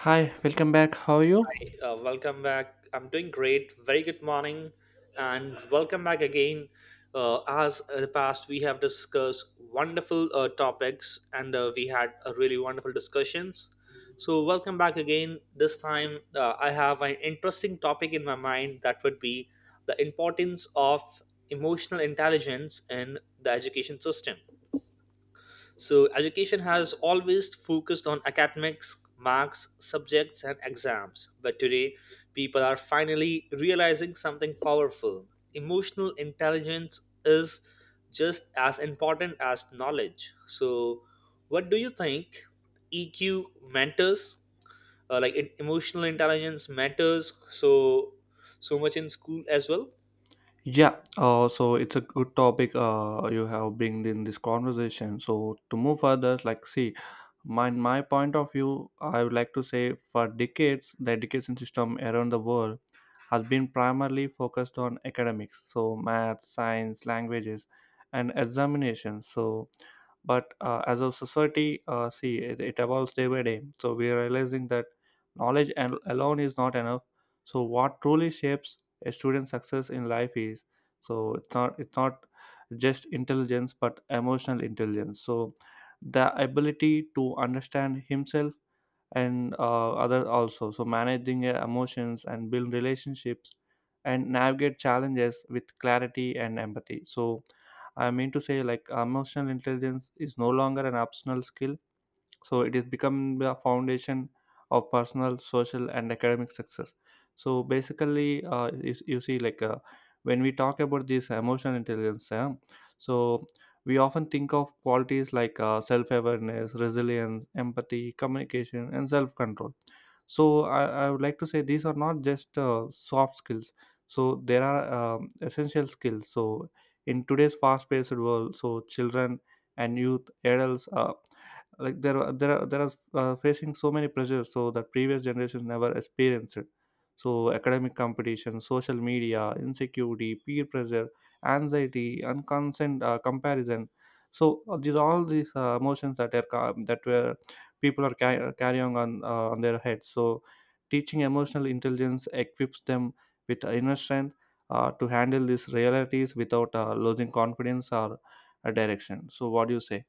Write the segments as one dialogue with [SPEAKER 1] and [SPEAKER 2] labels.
[SPEAKER 1] Hi, welcome back. How are you?
[SPEAKER 2] Great. Welcome back. I'm doing great. Very good morning, and welcome back again. As in the past, we have discussed wonderful topics, and we had a really wonderful discussions. So, welcome back again. This time, I have an interesting topic in my mind that would be the importance of emotional intelligence in the education system. So, education has always focused on academics, marks, subjects, and exams. But today, people are finally realizing something powerful. Emotional intelligence is just as important as knowledge. So, what do you think EQ matters? Emotional intelligence matters so much in school as well.
[SPEAKER 1] Yeah, so it's a good topic you have bring in this conversation. So to move further, like see, my point of view, I would like to say for decades, the education system around the world has been primarily focused on academics, so math, science, languages, and examinations. But as a society, see, it evolves day by day. So we are realizing that knowledge alone is not enough. So what truly shapes a student's success in life is, it's not just intelligence but emotional intelligence. So the ability to understand himself and other also, so managing emotions and build relationships and navigate challenges with clarity and empathy. So I mean to say, like, emotional intelligence is no longer an optional skill, so it has become the foundation of personal, social and academic success. So basically you see like, when we talk about this emotional intelligence, so we often think of qualities like self-awareness, resilience, empathy, communication and self-control. So I would like to say these are not just soft skills, so there are essential skills. So in today's fast-paced world, so children and youth adults, like there are there are there are facing so many pressures so that previous generations never experienced. So academic competition, social media insecurity, peer pressure, anxiety and consent comparison. So these emotions that are ca- that were people are carrying on their heads, so teaching emotional intelligence equips them with inner strength to handle these realities without losing confidence or direction. So what do you say?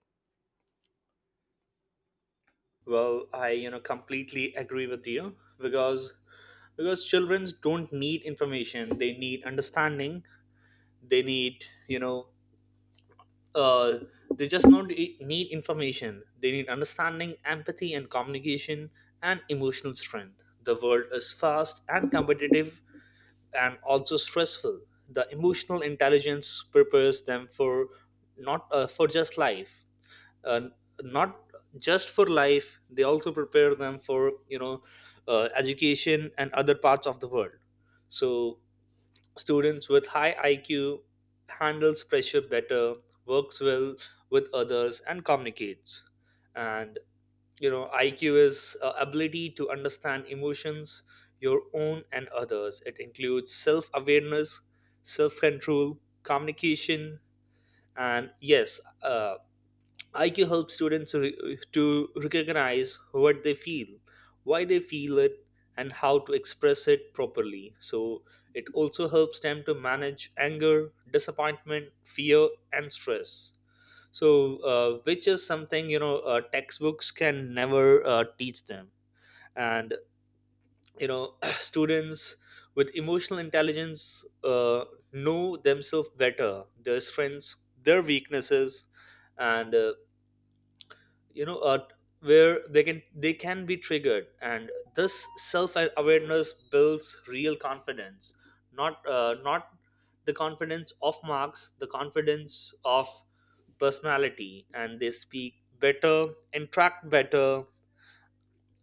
[SPEAKER 2] Well, I you know completely agree with you because children don't need information; they need understanding. They need you know uh, they just don't e- need information. They need understanding, empathy, and communication, and emotional strength. The world is fast and competitive, and also stressful. The emotional intelligence prepares them for not for just life. Uh, not just for life, they also prepare them for education and other parts of the world. So students with high IQ handles pressure better, works well with others and communicates. And you know, IQ is ability to understand emotions, your own and others. It includes self awareness, self control, communication, and yes. IQ helps students re- to recognize what they feel, why they feel it, and how to express it properly. So, it also helps them to manage anger, disappointment, fear, and stress. So, which is something textbooks can never teach them. And you know, students with emotional intelligence know themselves better, their strengths, their weaknesses, and you know uh, where they can be triggered. And this self awareness builds real confidence, not the confidence of marks, the confidence of personality. And they speak better, interact better,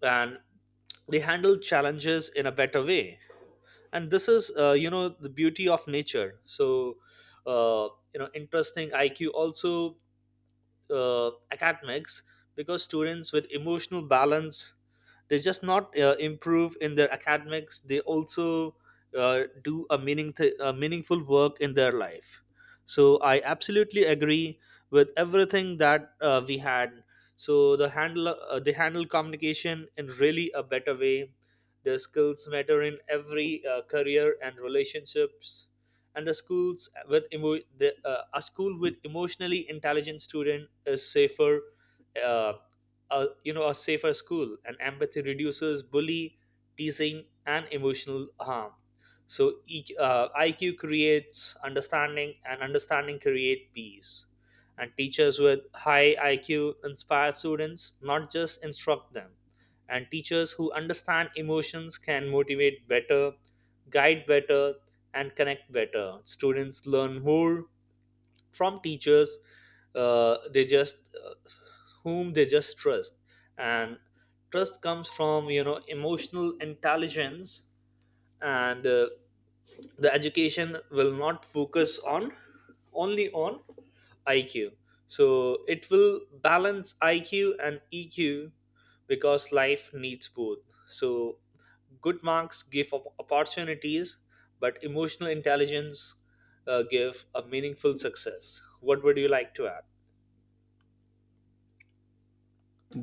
[SPEAKER 2] and they handle challenges in a better way. And this is you know, the beauty of nature. So you know, interesting IQ also academics, because students with emotional balance, they just not improve in their academics, they also do a meaningful work in their life. So I absolutely agree with everything that we had. So they handle communication in really a better way. Their skills matter in every career and relationships. And the schools with a school with emotionally intelligent student is safer, uh, a, you know a safer school. And empathy reduces bully, teasing, and emotional harm. So E- Q IQ creates understanding, and understanding create peace. And teachers with high IQ inspire students, not just instruct them. And teachers who understand emotions can motivate better, guide better, and connect better. Students learn more from teachers they just uh, whom they just trust, and trust comes from you know emotional intelligence, and the education will not focus on only on IQ. So it will balance IQ and EQ, because life needs both. So good marks give op- opportunities, but emotional intelligence give a meaningful success. What would you like to add?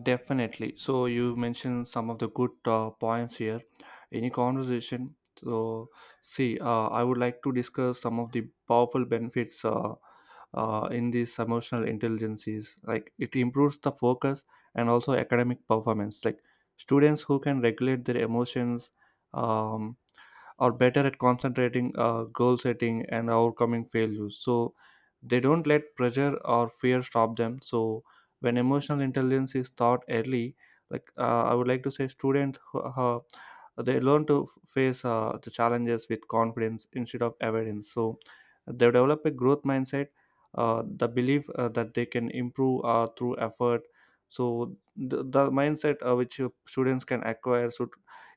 [SPEAKER 1] Definitely. So you mentioned some of the good points here. Any conversation? So see, I would like to discuss some of the powerful benefits in these emotional intelligences. Like, it improves the focus and also academic performance. Like, students who can regulate their emotions um, are better at concentrating, goal setting, and overcoming failures. So they don't let pressure or fear stop them. So when emotional intelligence is taught early, like, I would like to say students uh, they learn to face the challenges with confidence instead of avoidance. So they develop a growth mindset, the belief that they can improve through effort. So the mindset which students can acquire should,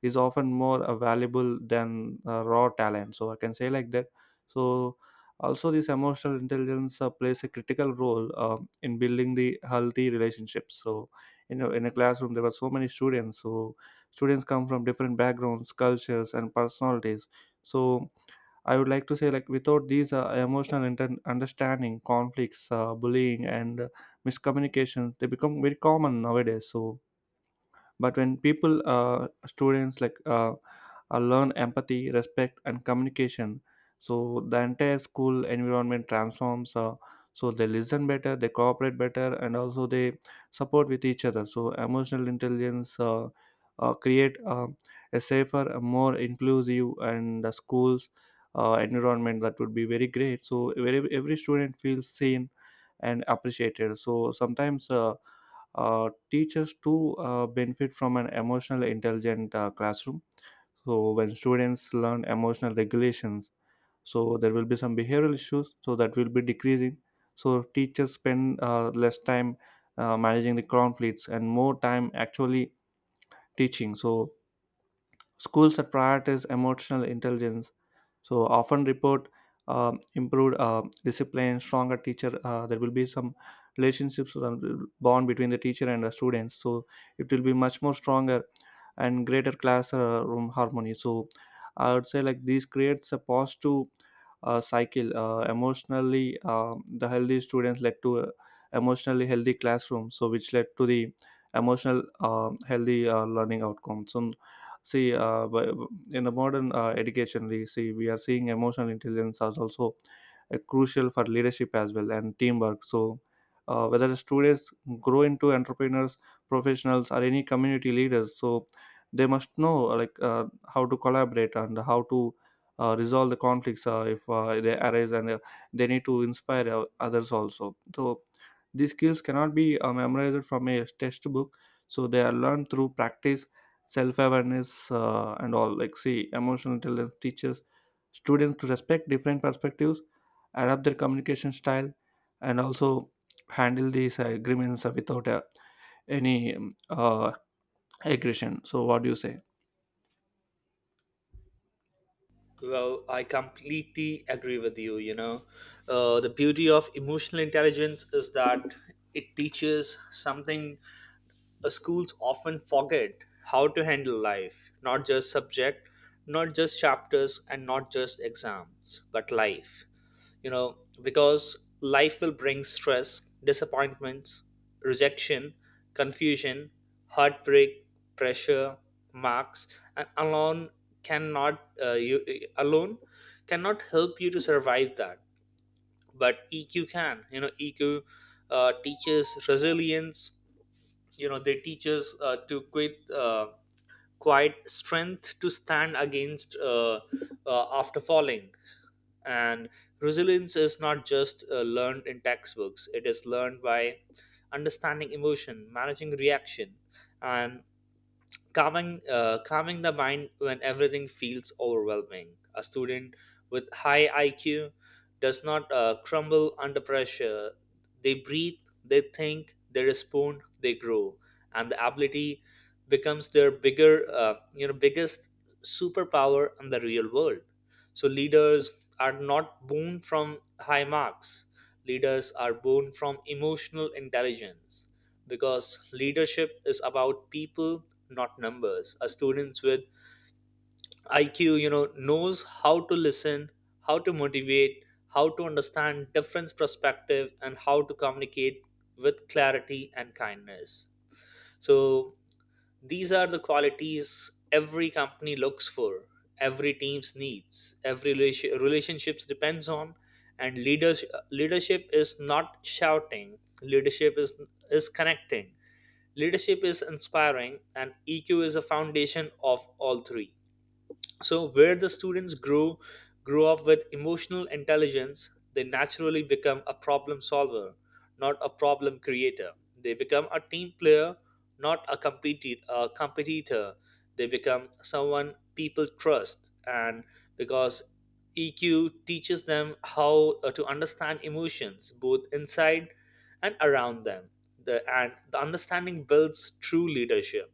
[SPEAKER 1] is often more valuable than raw talent, so I can say like that. So also, this emotional intelligence plays a critical role in building the healthy relationships. So, you know, in a classroom, there were so many students. So, students come from different backgrounds, cultures, and personalities. So, I would like to say, like, without these emotional understanding, conflicts, bullying, and miscommunication, they become very common nowadays. So, but when people students like, learn empathy, respect and communication, so the entire school environment transforms, so they listen better, they cooperate better and also they support with each other. So emotional intelligence create a safer, a more inclusive and the schools environment that would be very great, so every student feels seen and appreciated. So sometimes, teachers too benefit from an emotional intelligent classroom. So when students learn emotional regulations, so there will be some behavioral issues, so that will be decreasing. So teachers spend less time managing the conflicts and more time actually teaching. So schools that prioritize emotional intelligence so often report improved discipline, stronger teacher. There will be some relationships, bond between the teacher and the students. So it will be much more stronger and greater classroom harmony. So I would say, like, this creates a positive cycle. Emotionally, the healthy students led to a emotionally healthy classroom. So which led to the emotional healthy learning outcomes. So see, in the modern education, we see we are seeing emotional intelligence as also crucial for leadership as well and teamwork. So, whether the students grow into entrepreneurs, professionals, or any community leaders, so they must know, like, how to collaborate and how to resolve the conflicts if they arise, and they need to inspire others also. So, these skills cannot be memorized from a textbook. So they are learned through practice, self-awareness and all. Like, see, emotional intelligence teaches students to respect different perspectives, adapt their communication style, and also handle these agreements without any aggression. So what do you say?
[SPEAKER 2] Well, I completely agree with you. You know, the beauty of emotional intelligence is that it teaches something schools often forget: how to handle life, not just subject, not just chapters, and not just exams, but life. You know, because life will bring stress, disappointments, rejection, confusion, heartbreak, pressure, marks, and alone cannot you alone cannot help you to survive that. But EQ can, you know. EQ teaches resilience. You know, they teach us to quit quiet strength, to stand against after falling. And resilience is not just learned in textbooks, it is learned by understanding emotion, managing reaction, and calming the mind when everything feels overwhelming. A student with high IQ does not crumble under pressure. They breathe, they think, they respond, they grow. And the ability becomes their bigger you know biggest superpower in the real world. So leaders are not born from high marks, leaders are born from emotional intelligence, because leadership is about people, not numbers. A students with IQ, you know, knows how to listen, how to motivate, how to understand different perspective, and how to communicate with clarity and kindness. So these are the qualities every company looks for, every team's needs, every relationships depends on. And leaders, leadership is not shouting, leadership is connecting. Leadership is inspiring, and EQ is a foundation of all three. So where the students grow up with emotional intelligence, they naturally become a problem solver, not a problem creator. They become a team player, not a a competitor. They become someone people trust. And because EQ teaches them how to understand emotions both inside and around them, the understanding builds true leadership.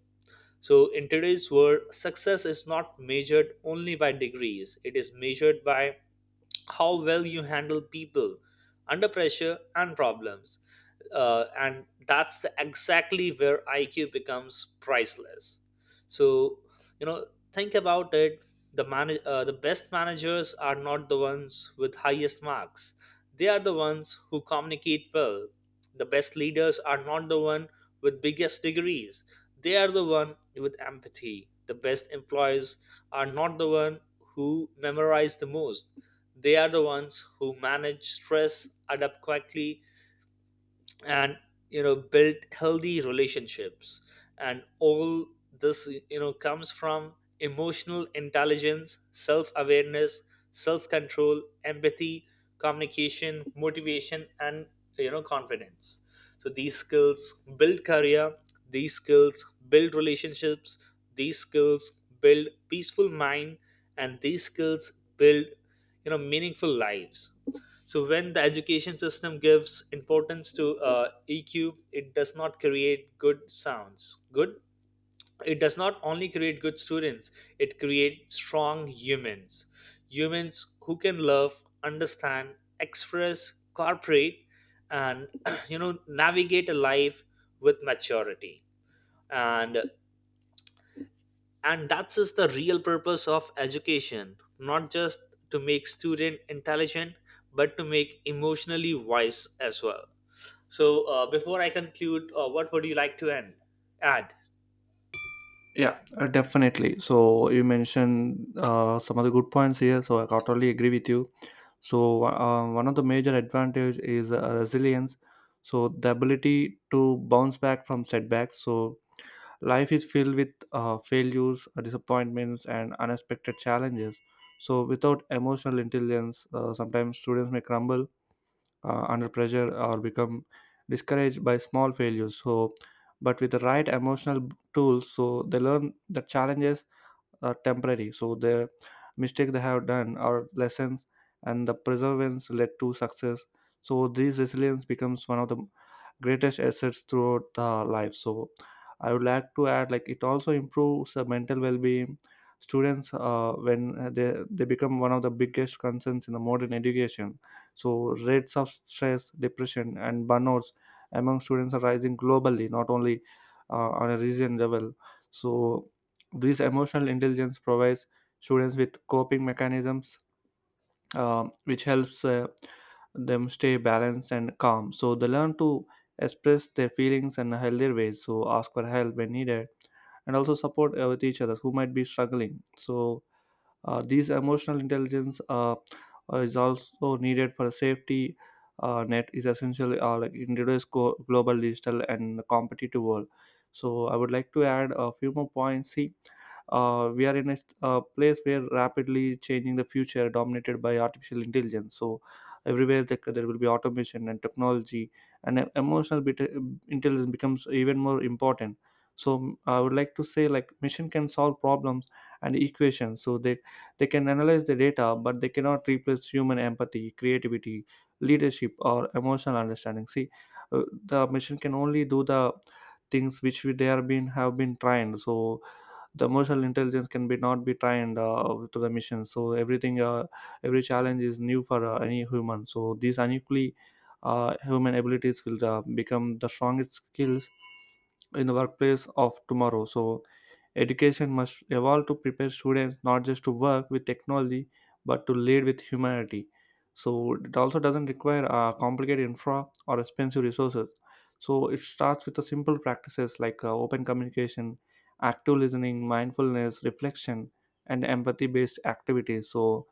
[SPEAKER 2] So, in today's world, success is not measured only by degrees, it is measured by how well you handle people under pressure and problems, and that's the exactly where IQ becomes priceless. So you know, think about it. The best managers are not the ones with highest marks. They are the ones who communicate well. The best leaders are not the one with biggest degrees. They are the one with empathy. The best employees are not the one who memorize the most. They are the ones who manage stress, adapt quickly, and you know, build healthy relationships. And all this you know comes from emotional intelligence, self awareness, self control, empathy, communication, motivation, and you know, confidence. So these skills build career, these skills build relationships, these skills build peaceful mind, and these skills build you know, meaningful lives. So when the education system gives importance to EQ, it does not create good sounds. Good. It does not only create good students; it creates strong humans. Humans who can love, understand, express, cooperate, and you know, navigate a life with maturity. And that's is the real purpose of education, not just to make student intelligent, but to make emotionally wise as well. So before I conclude, what would you like to end add?
[SPEAKER 1] Yeah, definitely. So you mentioned some of the good points here, so I totally agree with you. So one of the major advantage is resilience, so the ability to bounce back from setbacks. So life is filled with failures, disappointments, and unexpected challenges. So, without emotional intelligence, sometimes students may crumble under pressure or become discouraged by small failures. So, but with the right emotional tools, so they learn that challenges are temporary, so the mistake they have done are lessons and the perseverance led to success. So this resilience becomes one of the greatest assets throughout the life. So I would like to add, like, it also improves the mental well-being students when they become one of the biggest concerns in the modern education. So rates of stress, depression and burnouts among students are rising globally, not only on a region level. So this emotional intelligence provides students with coping mechanisms, which helps them stay balanced and calm. So they learn to express their feelings in a healthier ways. So ask for help when needed, and also support with each other who might be struggling. So these emotional intelligence is also needed for safety, net is essential, like in today's global digital and competitive world. So I would like to add a few more points. See, we are in a place where rapidly changing the future dominated by artificial intelligence. So everywhere there will be automation and technology, and emotional intelligence becomes even more important. So I would like to say, like, machine can solve problems and equations, so they can analyze the data, but they cannot replace human empathy, creativity, leadership, or emotional understanding. See, the machine can only do the things which they are being have been trained. So the emotional intelligence can be not be trained to the machine. So everything, every challenge is new for any human. So these unequally human abilities will become the strongest skills in the workplace of tomorrow. So, education must evolve to prepare students not just to work with technology but to lead with humanity. So, it also doesn't require complicated infra or expensive resources. So, it starts with the simple practices like open communication, active listening, mindfulness, reflection, and empathy based activities. So,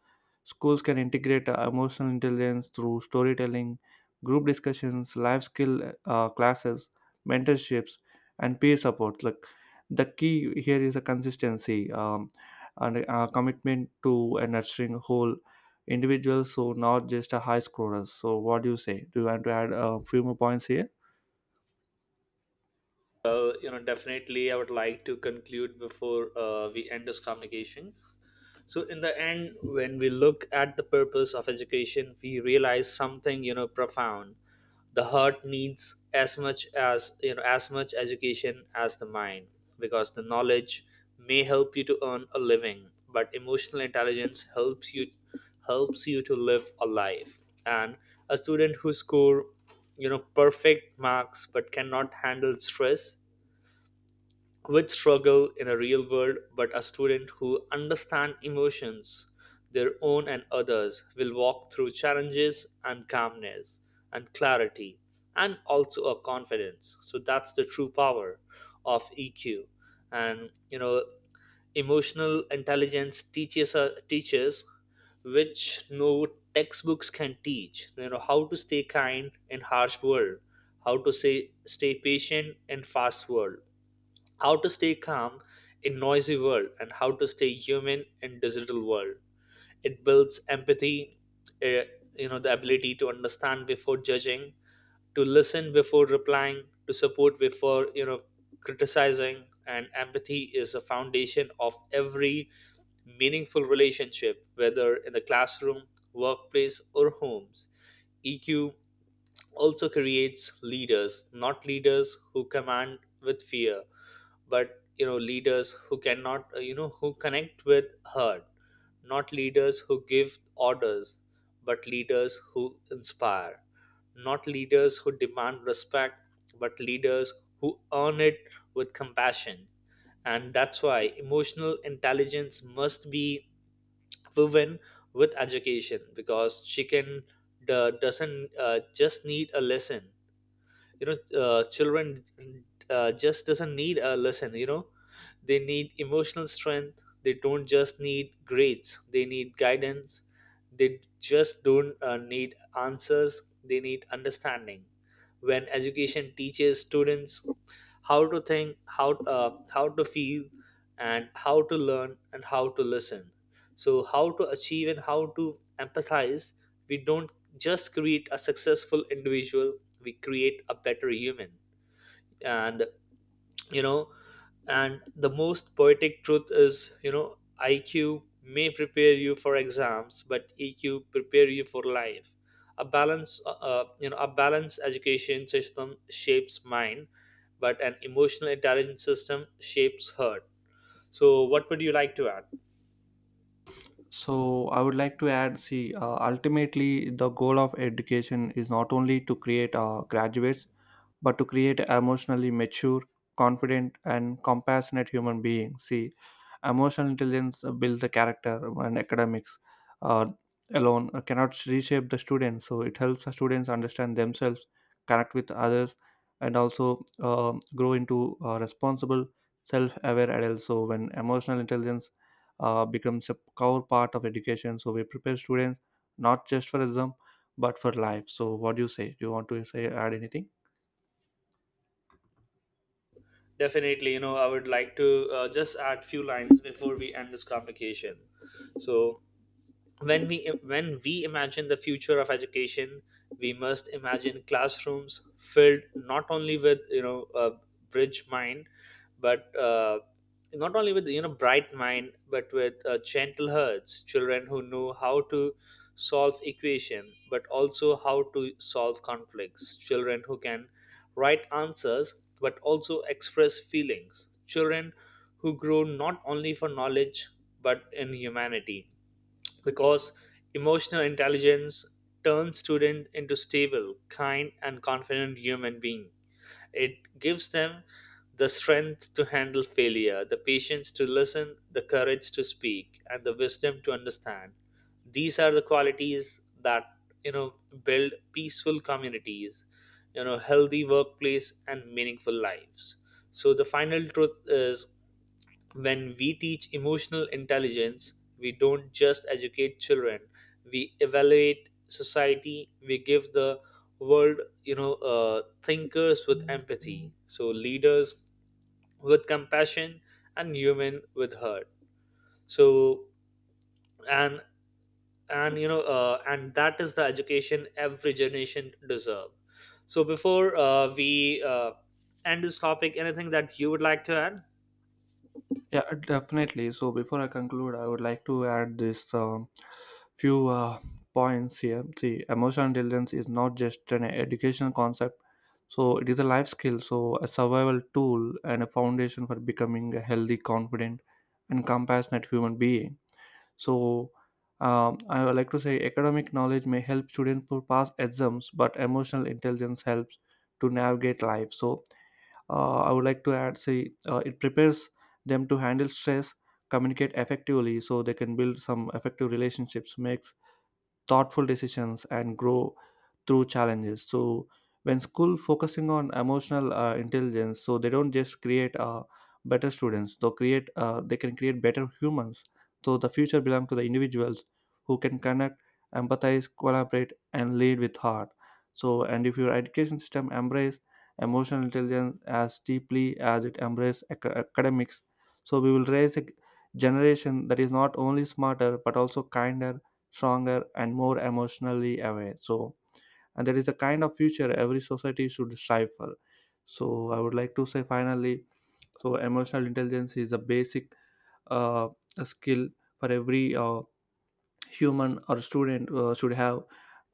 [SPEAKER 1] schools can integrate emotional intelligence through storytelling, group discussions, life skill classes, mentorships and peer support. Like, the key here is a consistency and a commitment to a nurturing whole individuals, so not just a high scorers. So what do you say? Do you want to add a few more points here?
[SPEAKER 2] Well, you know, definitely I would like to conclude before we end this communication. So in the end, when we look at the purpose of education, we realize something you know, profound. The heart needs as much as you know, as much education as the mind. Because the knowledge may help you to earn a living, but emotional intelligence helps you to live a life. And a student who score, you know, perfect marks but cannot handle stress, which struggle in a real world. But a student who understands emotions, their own and others, will walk through challenges and calmness and clarity, and also a confidence. So that's the true power of EQ. And you know, emotional intelligence teaches which no textbooks can teach, you know, how to stay kind in harsh world, how to say stay patient in fast world, how to stay calm in noisy world, and how to stay human in digital world. It builds empathy, eh, you know, the ability to understand before judging, to listen before replying, to support before you know, criticizing. And empathy is a foundation of every meaningful relationship, whether in the classroom, workplace, or homes. EQ also creates leaders, not leaders who command with fear, but you know, leaders who cannot you know, who connect with her, not leaders who give orders but leaders who inspire, not leaders who demand respect but leaders who earn it with compassion. And that's why emotional intelligence must be woven with education, because chicken doesn't just need a lesson, you know, children just doesn't need a lesson, you know, they need emotional strength. They don't just need grades, they need guidance. They just don't need answers, they need understanding. When education teaches students how to think, how to feel, and how to learn, and how to listen, so how to achieve and how to empathize, we don't just create a successful individual, we create a better human. And you know, and the most poetic truth is you know, IQ may prepare you for exams, but EQ prepare you for life. A balanced education system shapes mind, but an emotional intelligence system shapes heart. So what would you like to add?
[SPEAKER 1] So I would like to add, see, ultimately the goal of education is not only to create graduates, but to create emotionally mature, confident, and compassionate human beings. See, emotional intelligence builds the character, and academics uh, alone cannot reshape the students. So it helps the students understand themselves, connect with others, and also grow into responsible, self-aware adults. So when emotional intelligence becomes a core part of education. So we prepare students not just for exam but for life. So what do you say? Do you want to say add anything?
[SPEAKER 2] Definitely, you know, I would like to just add few lines before we end this conversation. So when we when we imagine the future of education, we must imagine classrooms filled not only with you know, a bridge mind but not only with you know, bright mind, but with gentle hearts, children who know how to solve equation but also how to solve conflicts, children who can write answers but also express feelings, children who grow not only for knowledge but in humanity. Because emotional intelligence turns students into stable, kind, and confident human beings. It gives them the strength to handle failure, the patience to listen, the courage to speak, and the wisdom to understand. These are the qualities that you know, build peaceful communities, you know, healthy workplace, and meaningful lives. So the final truth is when we teach emotional intelligence, we don't just educate children, we evaluate society, we give the world, you know, thinkers with empathy. So, leaders with compassion and human with heart. So, and and you know, and that is the education every generation deserve. So, before we end this topic, anything that you would like to add?
[SPEAKER 1] Yeah, definitely. So before I conclude, I would like to add this few points here. See, emotional intelligence is not just an educational concept. So it is a life skill, so a survival tool and a foundation for becoming a healthy, confident, and compassionate human being. So I would like to say academic knowledge may help students to pass exams, but emotional intelligence helps to navigate life. So I would like to add, say, it prepares them to handle stress, communicate effectively, so they can build some effective relationships, makes thoughtful decisions and grow through challenges. So when school focusing on emotional intelligence, so they don't just create better students, they can create better humans. So the future belongs to the individuals who can connect, empathize, collaborate and lead with heart. So and if your education system embrace emotional intelligence as deeply as it embrace academics, so we will raise a generation that is not only smarter but also kinder, stronger and more emotionally aware. So and that is the kind of future every society should strive for. So I would like to say finally, so emotional intelligence is a basic uh, a skill for every human or student should have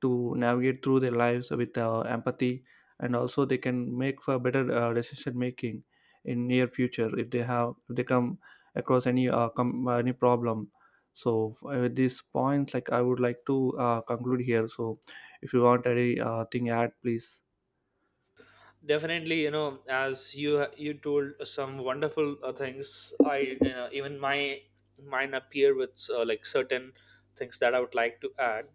[SPEAKER 1] to navigate through their lives with empathy, and also they can make for better decision making in near future if they have, if they come across any problem. So with these points, like, I would like to conclude here. So if you want any thing add, please.
[SPEAKER 2] Definitely, you know, as you told some wonderful things, I you know, even my mine appear with like certain things that I would like to add.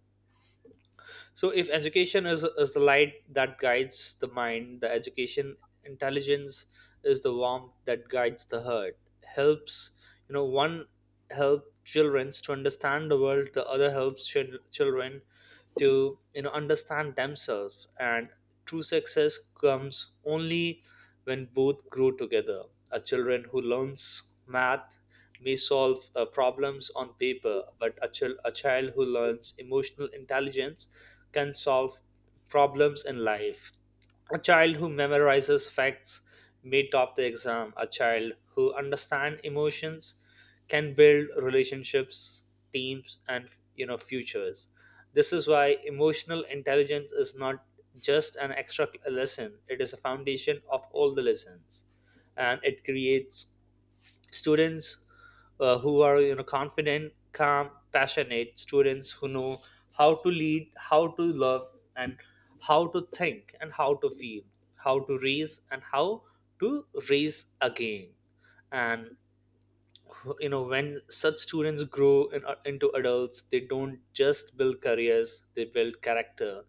[SPEAKER 2] So if education is the light that guides the mind, the education intelligence is the warmth that guides the heart. Helps, you know, one help children to understand the world, the other helps children to you know, understand themselves. And true success comes only when both grow together. A children who learns math may solve problems on paper, but a child who learns emotional intelligence can solve problems in life. A child who memorizes facts may top the exam. A child who understands emotions can build relationships, teams, and you know, futures. This is why emotional intelligence is not just an extra lesson; it is a foundation of all the lessons. And it creates students who are you know, confident, calm, passionate students who know how to lead, how to love, and how to think, and how to feel, how to raise, and how to raise again. And you know, when such students grow into adults, they don't just build careers, they build character.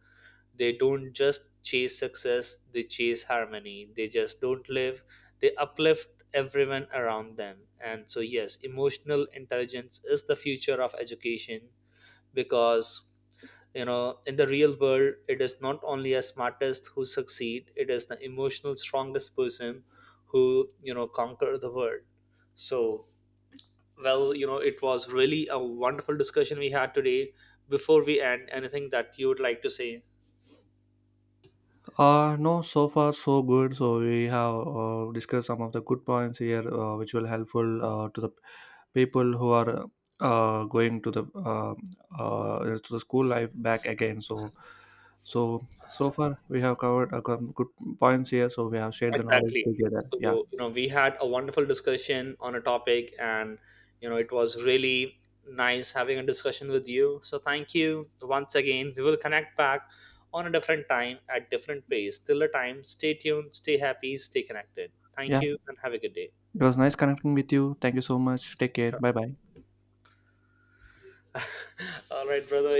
[SPEAKER 2] They don't just chase success, they chase harmony. They just don't live, they uplift everyone around them. And so yes, emotional intelligence is the future of education, because you know, in the real world, it is not only a smartest who succeed, it is the emotional strongest person who you know, conquer the world. So well, you know, it was really a wonderful discussion we had today. Before we end, anything that you would like to say?
[SPEAKER 1] No, so far so good. So we have discussed some of the good points here, which will helpful to the people who are going to the school life back again. So, so so far we have covered some good points here. So we have shared the knowledge
[SPEAKER 2] Exactly.
[SPEAKER 1] together. Yeah,
[SPEAKER 2] So, you know, we had a wonderful discussion on a topic, and, you know, it was really nice having a discussion with you. So, thank you once again. We will connect back on a different time at different pace. Till the time, stay tuned, stay happy, stay connected. Thank
[SPEAKER 1] yeah.
[SPEAKER 2] you, and have a good day.
[SPEAKER 1] It was nice connecting with you. Thank you so much. Take care.
[SPEAKER 2] Sure.
[SPEAKER 1] Bye bye.
[SPEAKER 2] All right, brother.